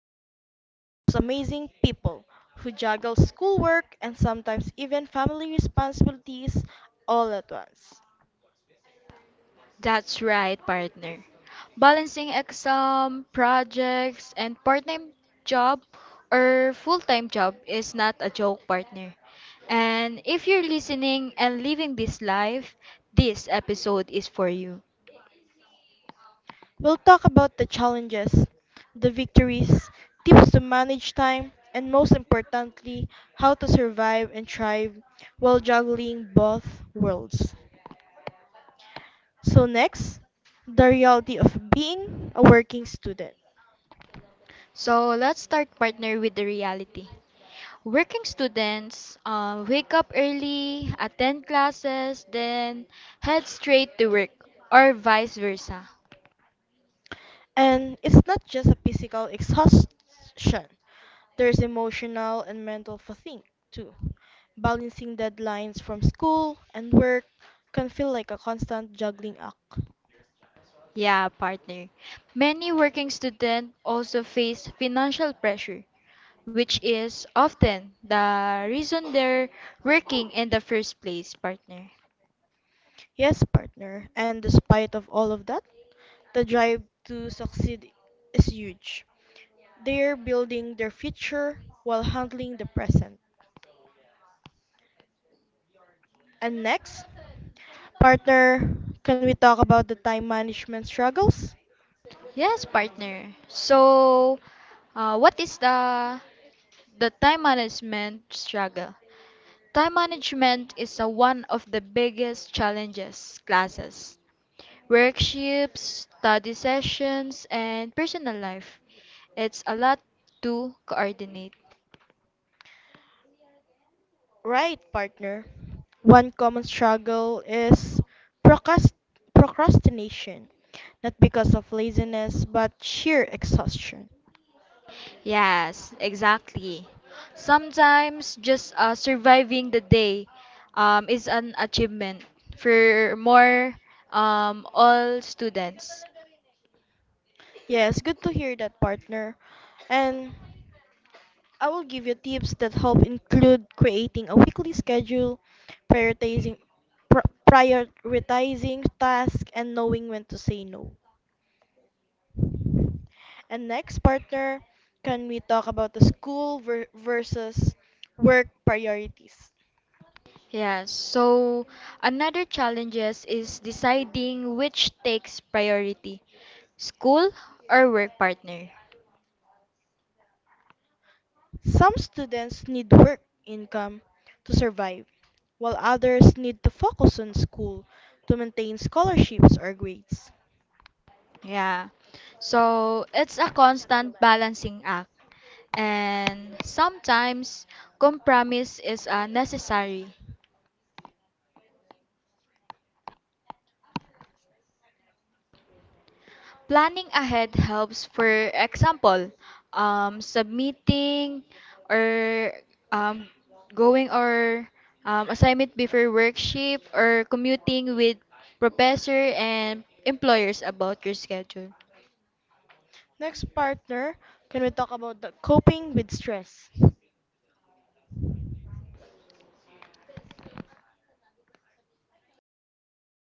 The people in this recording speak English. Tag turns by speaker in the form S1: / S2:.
S1: student, those amazing people who juggle schoolwork and sometimes even family responsibilities all at once.
S2: That's right, partner. Balancing exam, projects, and part-time job or full-time job is not a joke, partner. And if you're listening and living this life, this episode is for you.
S1: We'll talk about the challenges, the victories, tips to manage time, and most importantly, how to survive and thrive while juggling both worlds. So, next, the reality of being a working student.
S2: So let's start, partner, with the reality. Working students wake up early, attend classes, then head straight to work, or vice versa.
S1: And it's not just a physical exhaustion, there's emotional and mental fatigue too. Balancing deadlines from school and work can feel like a constant juggling act.
S2: Yeah, partner. Many working students also face financial pressure, which is often the reason they're working in the first place, partner.
S1: Yes, partner, and despite of all of that, the drive to succeed is huge. They're building their future while handling the present. And next, partner, can we talk about the time management struggles?
S2: Yes, partner. So, what is the time management struggle? Time management is one of the biggest challenges: classes, workshops, study sessions, and personal life. It's a lot to coordinate.
S1: Right, partner. One common struggle is procrast- procrastination, not because of laziness, but sheer exhaustion.
S2: Yes, exactly. Sometimes just surviving the day is an achievement for more all students.
S1: Yes, good to hear that, partner. And I will give you tips that help include creating a weekly schedule, prioritizing prioritizing tasks, and knowing when to say no. And next, partner, can we talk about the school versus work priorities?
S2: Yes, so another challenges is deciding which takes priority, school or work, partner.
S1: Some students need work income to survive, while others need to focus on school to maintain scholarships or grades.
S2: Yeah. So it's a constant balancing act and sometimes compromise is necessary. Planning ahead helps, for example, submitting or um, going or assignment before work shift or commuting.
S1: Next partner, can we talk about the coping with stress?